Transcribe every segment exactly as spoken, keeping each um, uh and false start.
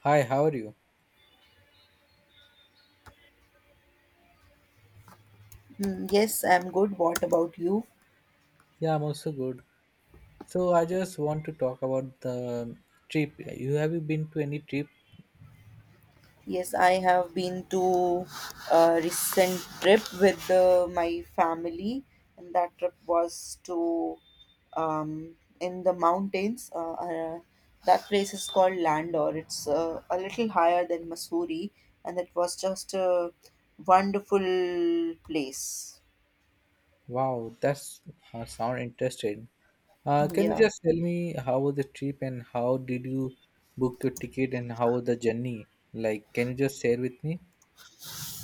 Hi, how are you? Hmm, Yes, I'm good. What about you? Yeah, I'm also good. So I just want to talk about the trip. You have you been to any trip? Yes, I have been to a recent trip with uh, my family, and that trip was to um, in the mountains. Uh, uh, that place is called Landor. It's uh, a little higher than Missouri, and it was just a wonderful place. Wow, that's uh, sound interesting. Uh, can you Yeah. just tell me how was the trip and how did you book your ticket and how was the journey? Like, can you just share with me?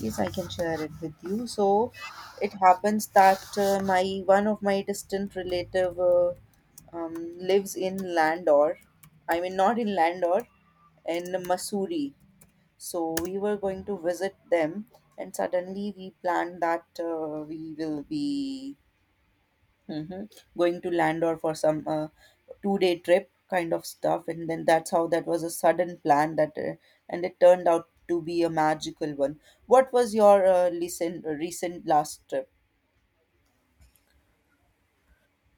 Yes, I can share it with you. So, it happens that uh, my one of my distant relative uh, um, lives in Landor. I mean, not in Landor, in Masuri. So we were going to visit them, and suddenly we planned that uh, we will be. Mhm. Going to Landor for some uh, two-day trip kind of stuff, and then that's how that was a sudden plan that, uh, and it turned out to be a magical one. What was your uh, recent uh, recent last trip?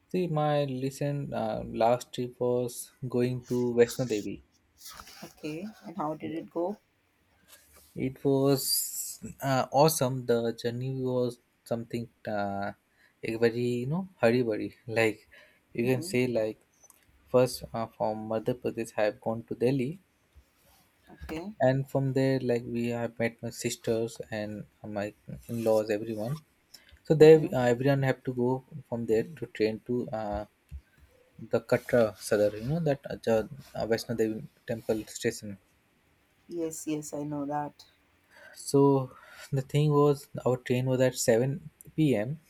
See, my recent uh, last trip was going to Vaishno Devi. Okay, and how did it go? It was uh, awesome. The journey was something uh, a very you know hurry burry. Like you can Mm-hmm. say like first uh, from Madhya Pradesh I have gone to Delhi, Okay. and from there like we have met my sisters and my in-laws, everyone. So there Mm-hmm. uh, everyone have to go from there to train to uh, the Katra Sadar. You know that uh, Ja- uh, Vaishno Devi temple station. Yes, yes, I know that. So the thing was, our train was at seven p m.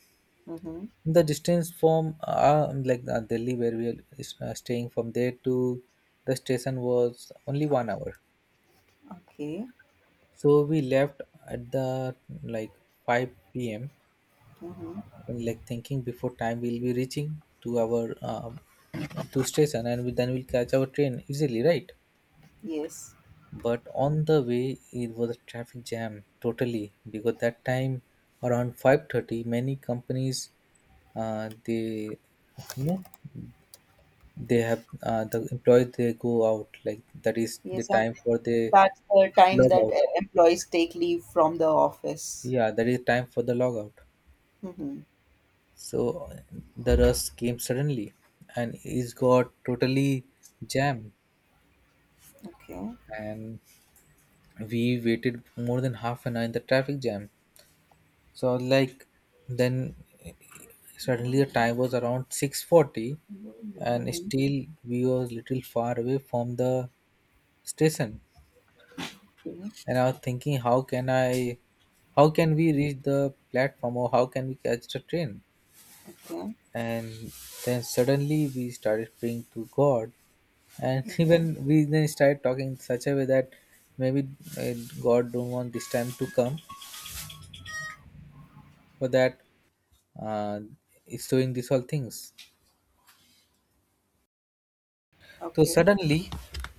Mm-hmm. The distance from uh, um, like uh, Delhi, where we are uh, staying from there to the station was only one hour. Okay. So we left at the like five p m. Mm-hmm. Like thinking before time we'll be reaching to our um, to station, and we, then we'll catch our train easily, right? Yes, But on the way it was a traffic jam totally because that time around five thirty many companies uh, they you know they have uh, the employees they go out, like that is the yes, I- time for the that's the time log that out, uh, employees take leave from the office. yeah, that is time for the log out. Mm-hmm. So the rust came suddenly and it got totally jammed, Okay. and we waited more than half an hour in the traffic jam. So I was like, then suddenly the time was around six forty and Mm-hmm. still we were little far away from the station. Okay. And I was thinking, how can I, how can we reach the platform or how can we catch the train? Okay. And then suddenly we started praying to God, and even we then started talking in such a way that maybe uh, God don't want this time to come for that. Uh, it's doing these all things. So Okay. suddenly,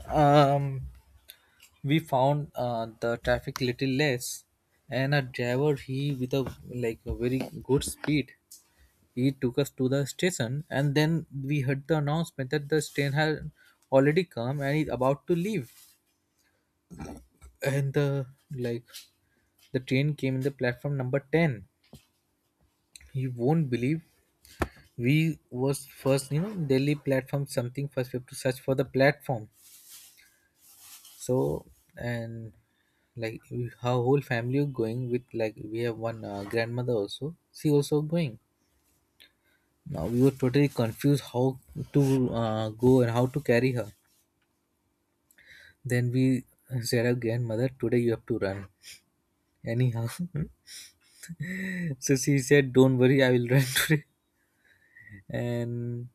um, we found uh, the traffic little less, and a driver, he with a like a very good speed, he took us to the station, and then we heard the announcement that the train had already come and is about to leave. And the like, the train came in the platform number ten. You won't believe, we was first, you know, Delhi platform something. First, we have to search for the platform. So, and like, we- her whole family were going with, like we have one uh, grandmother also. She also going. Now we were totally confused how to uh, go and how to carry her. Then we said again, "Mother, today you have to run. Anyhow." So she said, "Don't worry, I will run today." And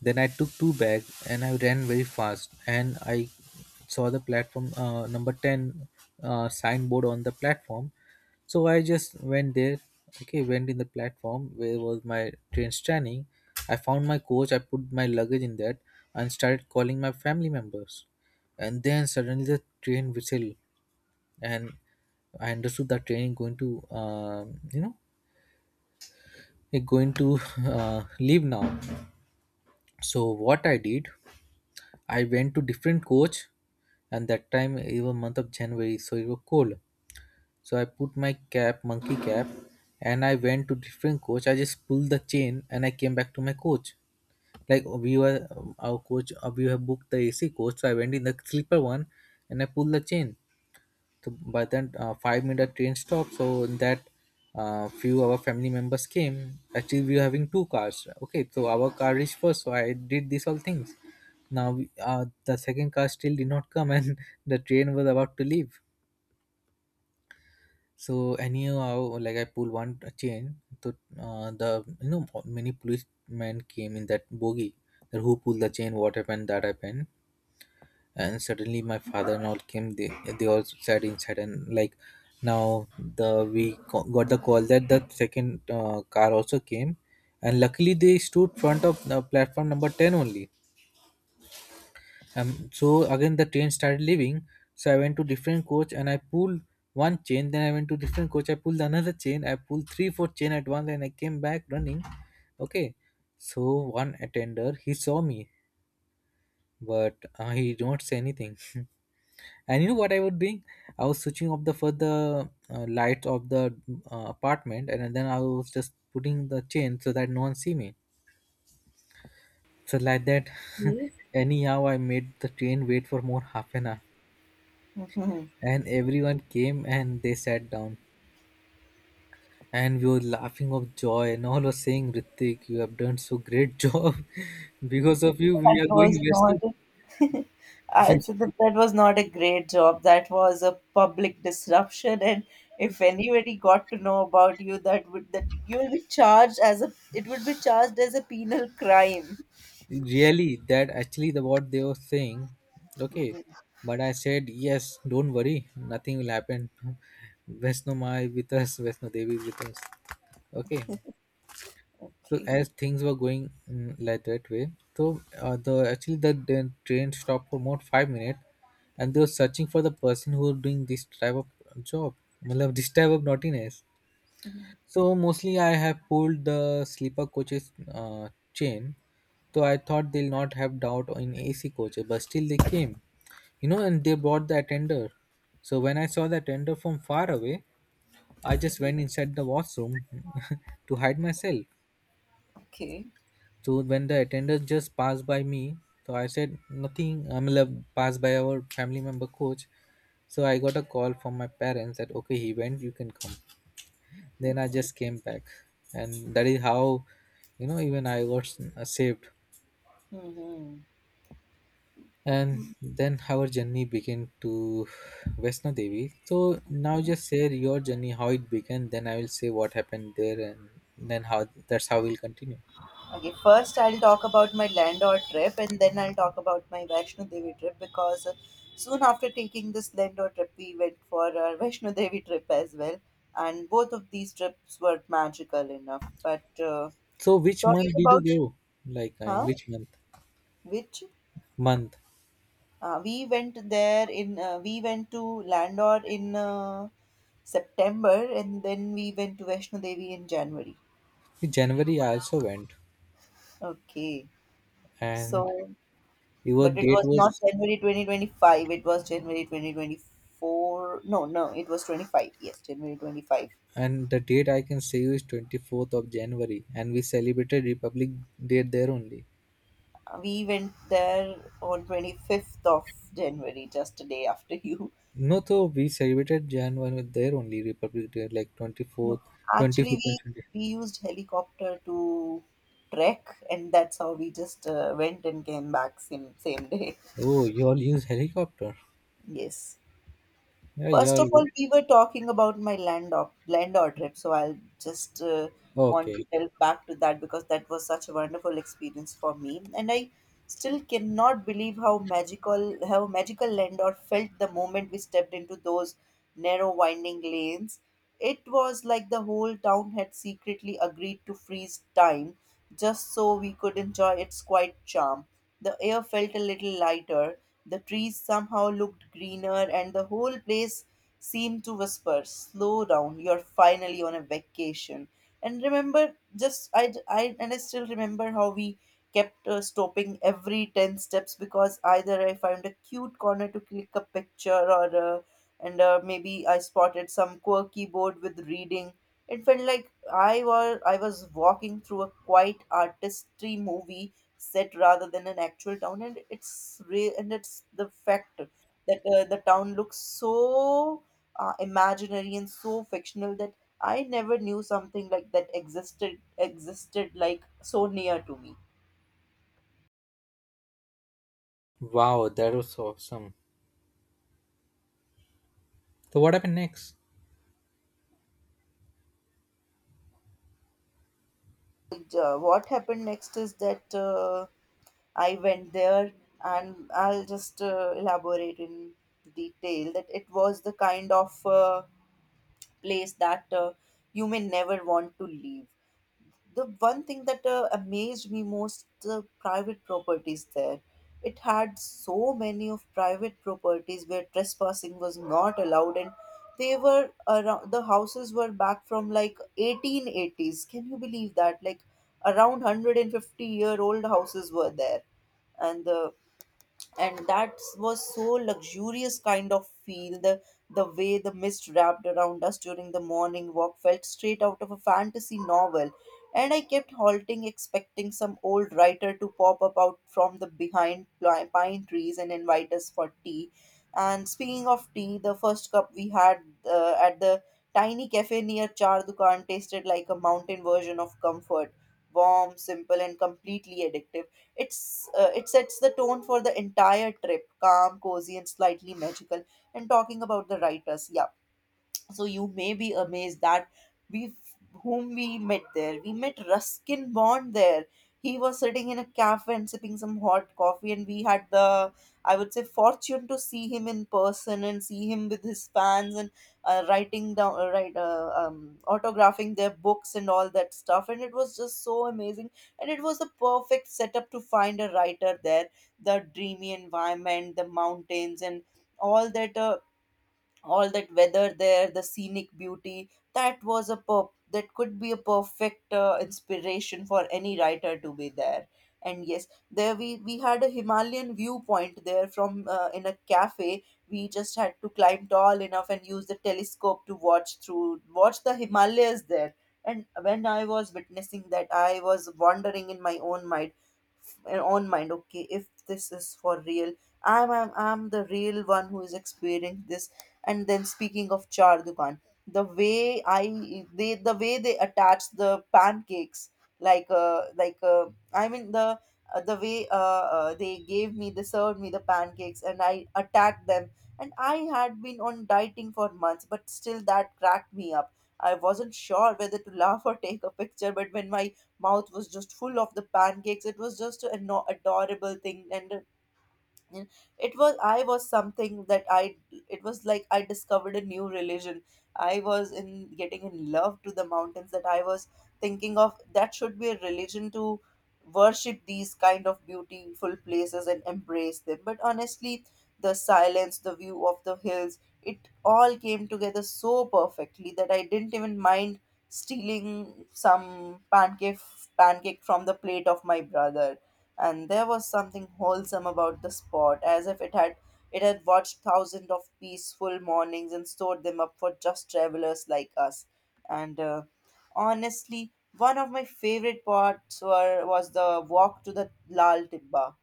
then I took two bags and I ran very fast. And I saw the platform uh, number ten uh, signboard on the platform. So I just went there. Okay, went in the platform where was my train standing. I found my coach. I put my luggage in that and started calling my family members. And then suddenly the train whistled, and I understood that train is going to um you know it going to uh, leave now. So what I did, I went to different coach, and that time it was month of January, so it was cold. So I put my cap, monkey cap, and I went to different coach. I just pulled the chain and I came back to my coach. Like we were um, our coach, uh, we have booked the A C coach, so I went in the sleeper one, and I pulled the chain. So by then, uh, five minute train stop. So in that, uh, few our family members came. Actually, we were having two cars. Okay, so our car reached first. So I did these all things. Now we, uh, the second car still did not come, and the train was about to leave. So anyhow, like I pulled one chain. So uh, the, you know many policemen came in that bogie. That who pulled the chain, what happened, that happened, and suddenly my father and all came, they they all sat inside, and like now the we co- got the call that the second uh, car also came, and luckily they stood front of the platform number ten only. Um, so again the train started leaving. So I went to different coach and I pulled one chain, then I went to different coach, I pulled another chain, I pulled three four chain at once, and I came back running. Okay. So one attender he saw me, but uh, he don't say anything. And you know what I was doing? I was switching off the further uh, lights of the uh, apartment, and then I was just putting the chain so that no one see me. So like that, Yeah. anyhow, I made the train wait for more half an hour, Mhm. and everyone came and they sat down, and we were laughing of joy, and all was saying, "Ritik, you have done so great job. Because of you, we That are going was not western." Uh, so that, that was not a great job. That was a public disruption, and if anybody got to know about you, that would that you will be charged as a, it would be charged as a penal crime. Really, that actually the what they were saying. Okay. Mhm. But I said, "Yes, don't worry, nothing will happen." Vesnoma is with us, Vesno Devi is with us. Okay. So Okay. as things were going, mm, like that way. So uh, the actually the, the train stopped for about five minutes, and they were searching for the person who was doing this type of job, मतलब, this type of naughtiness. So mostly I have pulled the sleeper coaches uh, chain. So I thought they'll not have doubt in A C coaches, but still they came. You know, and they brought the attender. So when I saw the attender from far away, I just Mhm. went inside the washroom to hide myself. Okay. So when the attender just passed by me, so I said nothing. I mean, passed by our family member coach. So I got a call from my parents that okay, he went, you can come. Then I Okay. just came back, and that is how, you know, even I got s- uh, saved. Hmm. And then our journey began to Vesna Devi. So now just share your journey, how it began. Then I will say what happened there, and then how that's how we'll continue. Okay, first I'll talk about my landor trip and then I'll talk about my Vaishno Devi trip because uh, soon after taking this landor trip, we went for our Vaishno Devi trip as well. And both of these trips were magical enough. But uh, So which talking month did you about, go? Like uh, in huh? which month? Which? Month. Uh, we went there in, uh, we went to Landor in uh, September and then we went to Vaishno Devi in January. January. I also went, Okay. and So your but it date was not was, January twenty twenty-five. It was January twenty twenty-four. No, no, it was twenty-five. Yes, January twenty-five. and the date I can say is twenty fourth of January, and we celebrated Republic Day there only. Uh, We went there on twenty-fifth of January, just a day after you. No, so we celebrated January first with their only Republic Day, like twenty fourth, No, actually, twenty fifth, and we twenty. we used helicopter to trek, and that's how we just uh, went and came back same same day. Oh, you all use helicopter. Yes. Yeah, yeah. First of you- all, we were talking about my land or landor trip, so I'll just uh, want Okay. to delve back to that because that was such a wonderful experience for me, and I still cannot believe how magical how magical landor felt the moment we stepped into those narrow winding lanes. It was like the whole town had secretly agreed to freeze time just so we could enjoy its quiet charm. The air felt a little lighter, the trees somehow looked greener, and the whole place seemed to whisper, "Slow down, you're finally on a vacation." And remember, just I, I, and I still remember how we kept uh, stopping every ten steps because either I found a cute corner to click a picture or uh, and uh, maybe I spotted some quirky board with reading. It felt like I was I was walking through a quiet artistry movie set rather than an actual town, and it's re- and it's the fact that uh, the town looks so uh, imaginary and so fictional that I never knew something like that existed existed like so near to me. Wow, that was so awesome. So, what happened next? And, uh, what happened next is that uh, I went there and I'll just uh, elaborate in detail that it was the kind of uh, place that uh, you may never want to leave. The one thing that uh, amazed me most: the private properties there. It had so many of private properties where trespassing was not allowed, and they were around, the houses were back from like eighteen eighties. Can you believe that? Like around one hundred fifty year old houses were there, and the and that was so luxurious kind of feel. The the way the mist wrapped around us during the morning walk felt straight out of a fantasy novel, and I kept halting, expecting some old writer to pop up out from the behind pli- pine trees and invite us for tea. And speaking of tea, the first cup we had uh, at the tiny cafe near char dukan tasted like a mountain version of comfort, warm, simple and completely addictive. It's uh, it sets the tone for the entire trip, calm, cozy, and slightly magical. And talking about the writers, yeah, so you may be amazed that we whom we met there. We met Ruskin Bond there. He was sitting in a cafe and sipping some hot coffee, and we had the, I would say, fortune to see him in person and see him with his fans, and uh, writing down, uh, right, uh, um, autographing their books and all that stuff. And it was just so amazing. And it was the perfect setup to find a writer there. The dreamy environment, the mountains, and all that uh, all that weather there, the scenic beauty, that was a per- that could be a perfect uh, inspiration for any writer to be there. And yes, there we we had a Himalayan viewpoint there from uh, in a cafe. We just had to climb tall enough and use the telescope to watch through watch the Himalayas there. And when I was witnessing that, I was wandering in my own mind of uh, own mind, okay, if this is for real, i'm i'm, I'm the real one who is experiencing this. And then speaking of char dukan, the way i they the way they attach the pancakes, like uh like uh I mean the uh, the way uh, uh they gave me, they served me the pancakes and I attacked them. And I had been on dieting for months, but still that cracked me up. I wasn't sure whether to laugh or take a picture, but when my mouth was just full of the pancakes, it was just an adorable thing. And and it was I was something that I it was like I discovered a new religion. I was in getting in love to the mountains, that I was thinking of that should be a religion to worship these kind of beautiful places and embrace them. But honestly, the silence, the view of the hills, it all came together so perfectly that I didn't even mind stealing some pancake pancake from the plate of my brother. And there was something wholesome about the spot, as if it had it had watched thousands of peaceful mornings and stored them up for just travelers like us. And uh, honestly, one of my favorite parts were, was the walk to the Lal Tibba,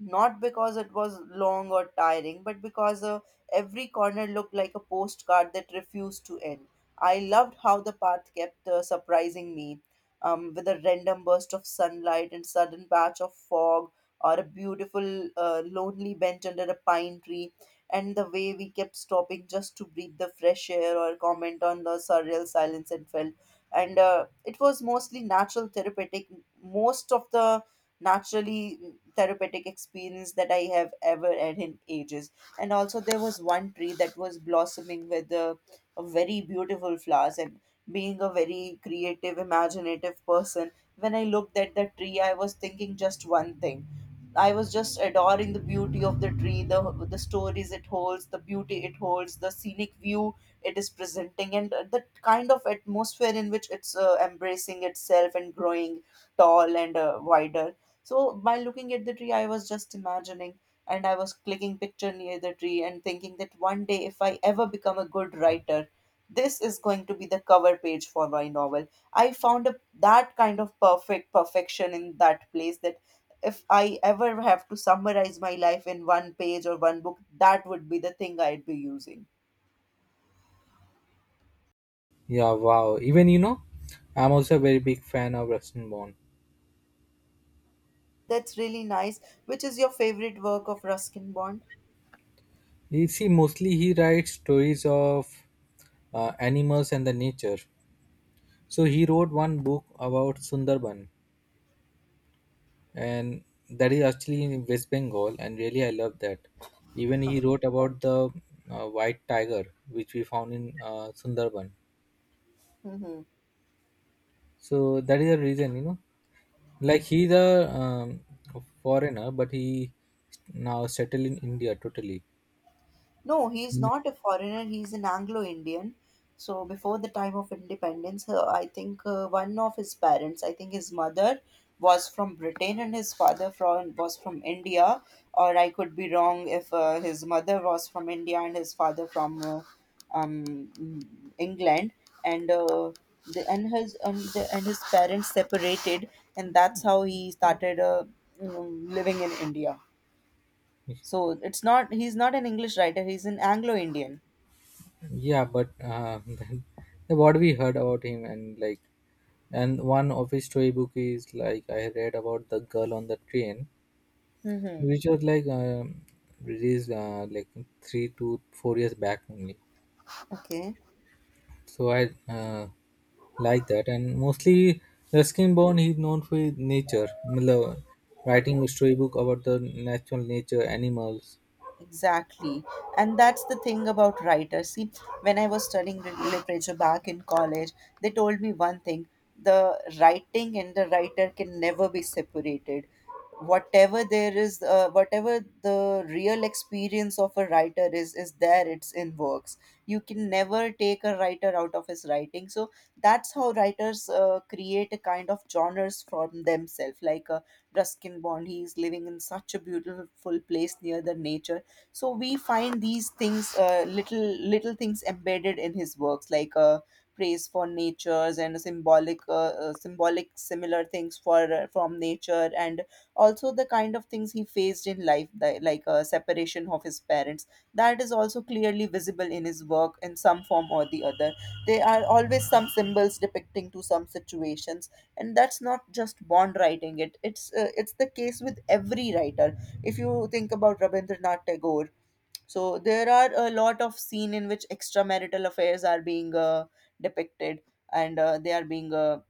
not because it was long or tiring, but because uh, every corner looked like a postcard that refused to end. I loved how the path kept uh, surprising me, um, with a random burst of sunlight and sudden patch of fog or a beautiful uh, lonely bench under a pine tree. And the way we kept stopping just to breathe the fresh air or comment on the surreal silence, it felt, and uh, it was mostly natural therapeutic most of the naturally therapeutic, experience that I have ever had in ages. And also there was one tree that was blossoming with uh, a very beautiful flowers. And being a very creative, imaginative person, when I looked at the tree, I was thinking just one thing. I was just adoring the beauty of the tree, the the stories it holds, the beauty it holds, the scenic view it is presenting, and the kind of atmosphere in which it's uh, embracing itself and growing tall and uh, wider. So by looking at the tree, I was just imagining, and I was clicking picture near the tree and thinking that one day, if I ever become a good writer, this is going to be the cover page for my novel. I found a, that kind of perfect perfection in that place, that if I ever have to summarize my life in one page or one book, that would be the thing I'd be using. Yeah, wow. Even, you know, I'm also a very big fan of Rustin Bond. That's really nice. Which is your favorite work of Ruskin Bond? You see, mostly he writes stories of uh, animals and the nature. So, he wrote one book about Sundarban, and that is actually in West Bengal, and really I love that. Even he wrote about the uh, white tiger, which we found in uh, Sundarban. Hmm. So that is the reason, you know, like he's a um, foreigner, but he now settled in India totally. No, he's Mm. not a foreigner. He's an Anglo-Indian. So before the time of independence, uh, I think uh, one of his parents, I think his mother was from Britain and his father from was from India, or I could be wrong if uh, his mother was from India and his father from uh, um, mm, England, and uh, the, and his and the, and his parents separated, and that's how he started uh, mm, living in India. So it's not he's not an English writer, he's an Anglo Indian. Yeah, but uh, then what we heard about him and like, and one of his storybook is like I read about the girl on the train, Mm-hmm. which was like um released uh, like three to four years back only. Okay. So I uh, like that, and mostly Ruskin Bond he's known for his nature, मतलब, writing a storybook about the natural nature, animals. Exactly. And that's the thing about writers. See, when I was studying lit- literature back in college, they told me one thing: the writing and the writer can never be separated. Whatever there is, uh, whatever the real experience of a writer is, is there, it's in works. You can never take a writer out of his writing. So that's how writers uh, create a kind of genres from themselves. Like uh, Ruskin Bond, he's living in such a beautiful place near the nature, so we find these things, uh, little little things embedded in his works, like uh, praise for natures, and symbolic uh, uh, symbolic similar things for uh, from nature. And also the kind of things he faced in life, that, like uh, separation of his parents, that is also clearly visible in his work in some form or the other. There are always some symbols depicting to some situations, and that's not just bond writing, it it's uh, it's the case with every writer. If you think about Rabindranath Tagore, so there are a lot of scene in which extramarital affairs are being uh, depicted and uh, they are being uh,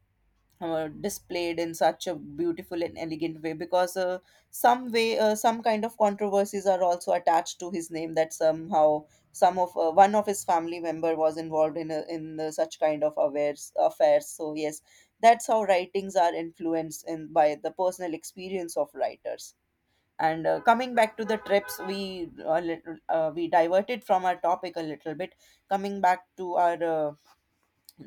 uh, displayed in such a beautiful and elegant way, because uh, some way, uh, some kind of controversies are also attached to his name, that somehow some of uh, one of his family member was involved in a, in uh, such kind of affairs affairs, so yes, that's how writings are influenced in by the personal experience of writers. And uh, coming back to the trips, we uh, lit- uh, we diverted from our topic a little bit. Coming back to our uh,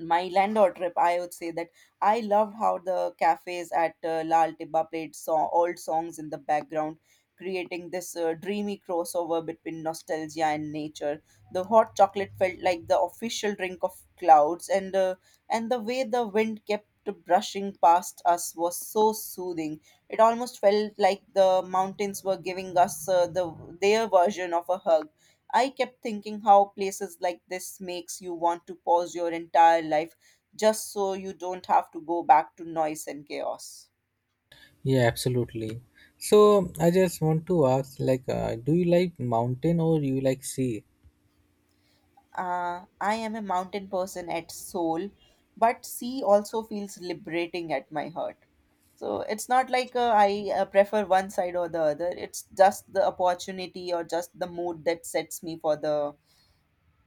my landlord trip, I would say that I loved how the cafes at uh, Lal Tibba played so- old songs in the background, creating this uh, dreamy crossover between nostalgia and nature. The hot chocolate felt like the official drink of clouds, and uh, and the way the wind kept brushing past us was so soothing. It almost felt like the mountains were giving us uh, the their version of a hug. I kept thinking how places like this makes you want to pause your entire life, just so you don't have to go back to noise and chaos. Yeah, absolutely. So I just want to ask, like, uh, do you like mountain or you like sea? Uh, I am a mountain person at soul, but sea also feels liberating at my heart. So it's not like uh, I uh, prefer one side or the other. It's just the opportunity or just the mood that sets me for the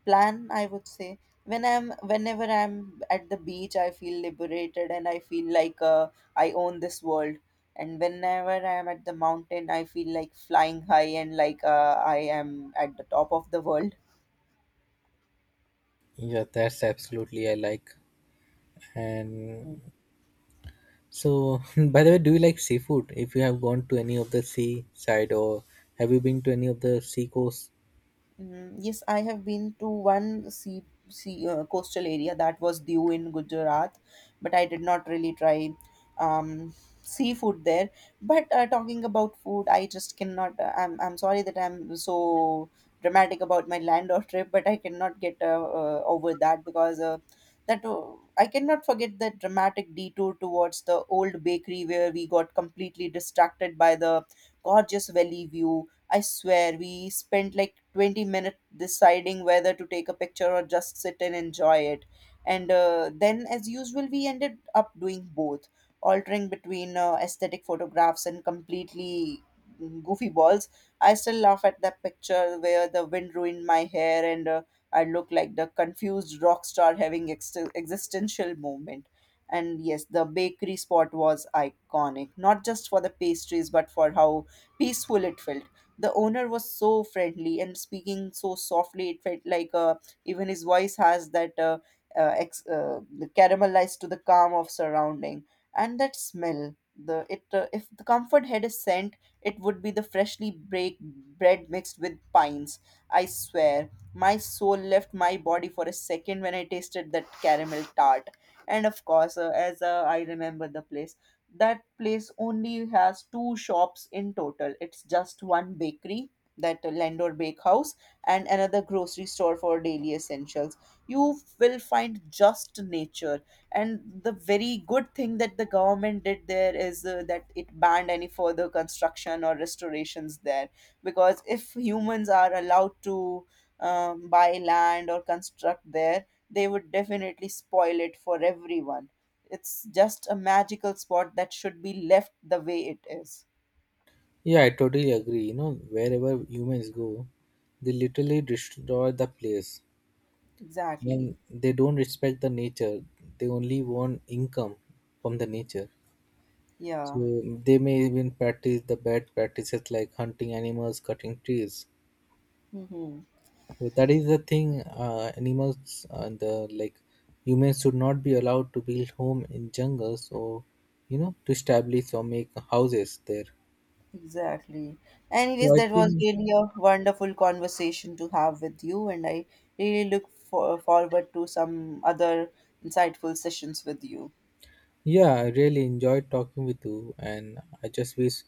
plan, I would say. When i'm whenever i'm at the beach, I feel liberated, and I feel like uh, I own this world. And whenever I'm at the mountain, I feel like flying high, and like uh, I am at the top of the world. Yeah, that's absolutely I like, and so, by the way, do you like seafood? If you have gone to any of the sea side, or have you been to any of the sea coast? Mm, yes, I have been to one sea, sea uh, coastal area. That was due in Gujarat, but I did not really try um, seafood there. But uh, talking about food, I just cannot. Uh, I'm I'm sorry that I'm so dramatic about my land or trip, but I cannot get uh, uh, over that, because uh, that uh, I cannot forget that dramatic detour towards the old bakery where we got completely distracted by the gorgeous valley view. I swear we spent like twenty minutes deciding whether to take a picture or just sit and enjoy it. And uh, then, as usual, we ended up doing both, altering between uh, aesthetic photographs and completely mm, goofy balls. I still laugh at that picture where the wind ruined my hair, and uh, I look like the confused rock star having ex- existential moment. And yes, the bakery spot was iconic, not just for the pastries, but for how peaceful it felt. The owner was so friendly and speaking so softly, it felt like uh, even his voice has that uh, uh, ex- uh, the caramelized to the calm of surrounding. And that smell, the it uh, if the comfort had a scent, it would be the freshly baked bread mixed with pines. I swear my soul left my body for a second when I tasted that caramel tart. And of course, uh, as uh, I remember the place that place only has two shops in total. It's just one bakery, that Landor Bakehouse, and another grocery store for daily essentials. You will find just nature. And the very good thing that the government did there is uh, that it banned any further construction or restorations there. Because if humans are allowed to um, buy land or construct there, they would definitely spoil it for everyone. It's just a magical spot that should be left the way it is. Yeah, I totally agree. You know, wherever humans go, they literally destroy the place. Exactly. When they don't respect the nature, they only want income from the nature. Yeah. So they may even practice the bad practices like hunting animals, cutting trees. Mm-hmm. Well, that is the thing. Uh, animals and the like humans should not be allowed to build home in jungles or, you know to establish or make houses there. Exactly. So Anyways, I that was think really a wonderful conversation to have with you, and I really look for, forward to some other insightful sessions with you. yeah, I really enjoyed talking with you, and I just wish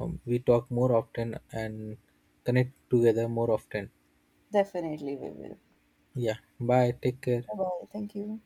um, we talk more often and connect together more often. Definitely, we will. Yeah, bye. Take care. Bye bye. Thank you.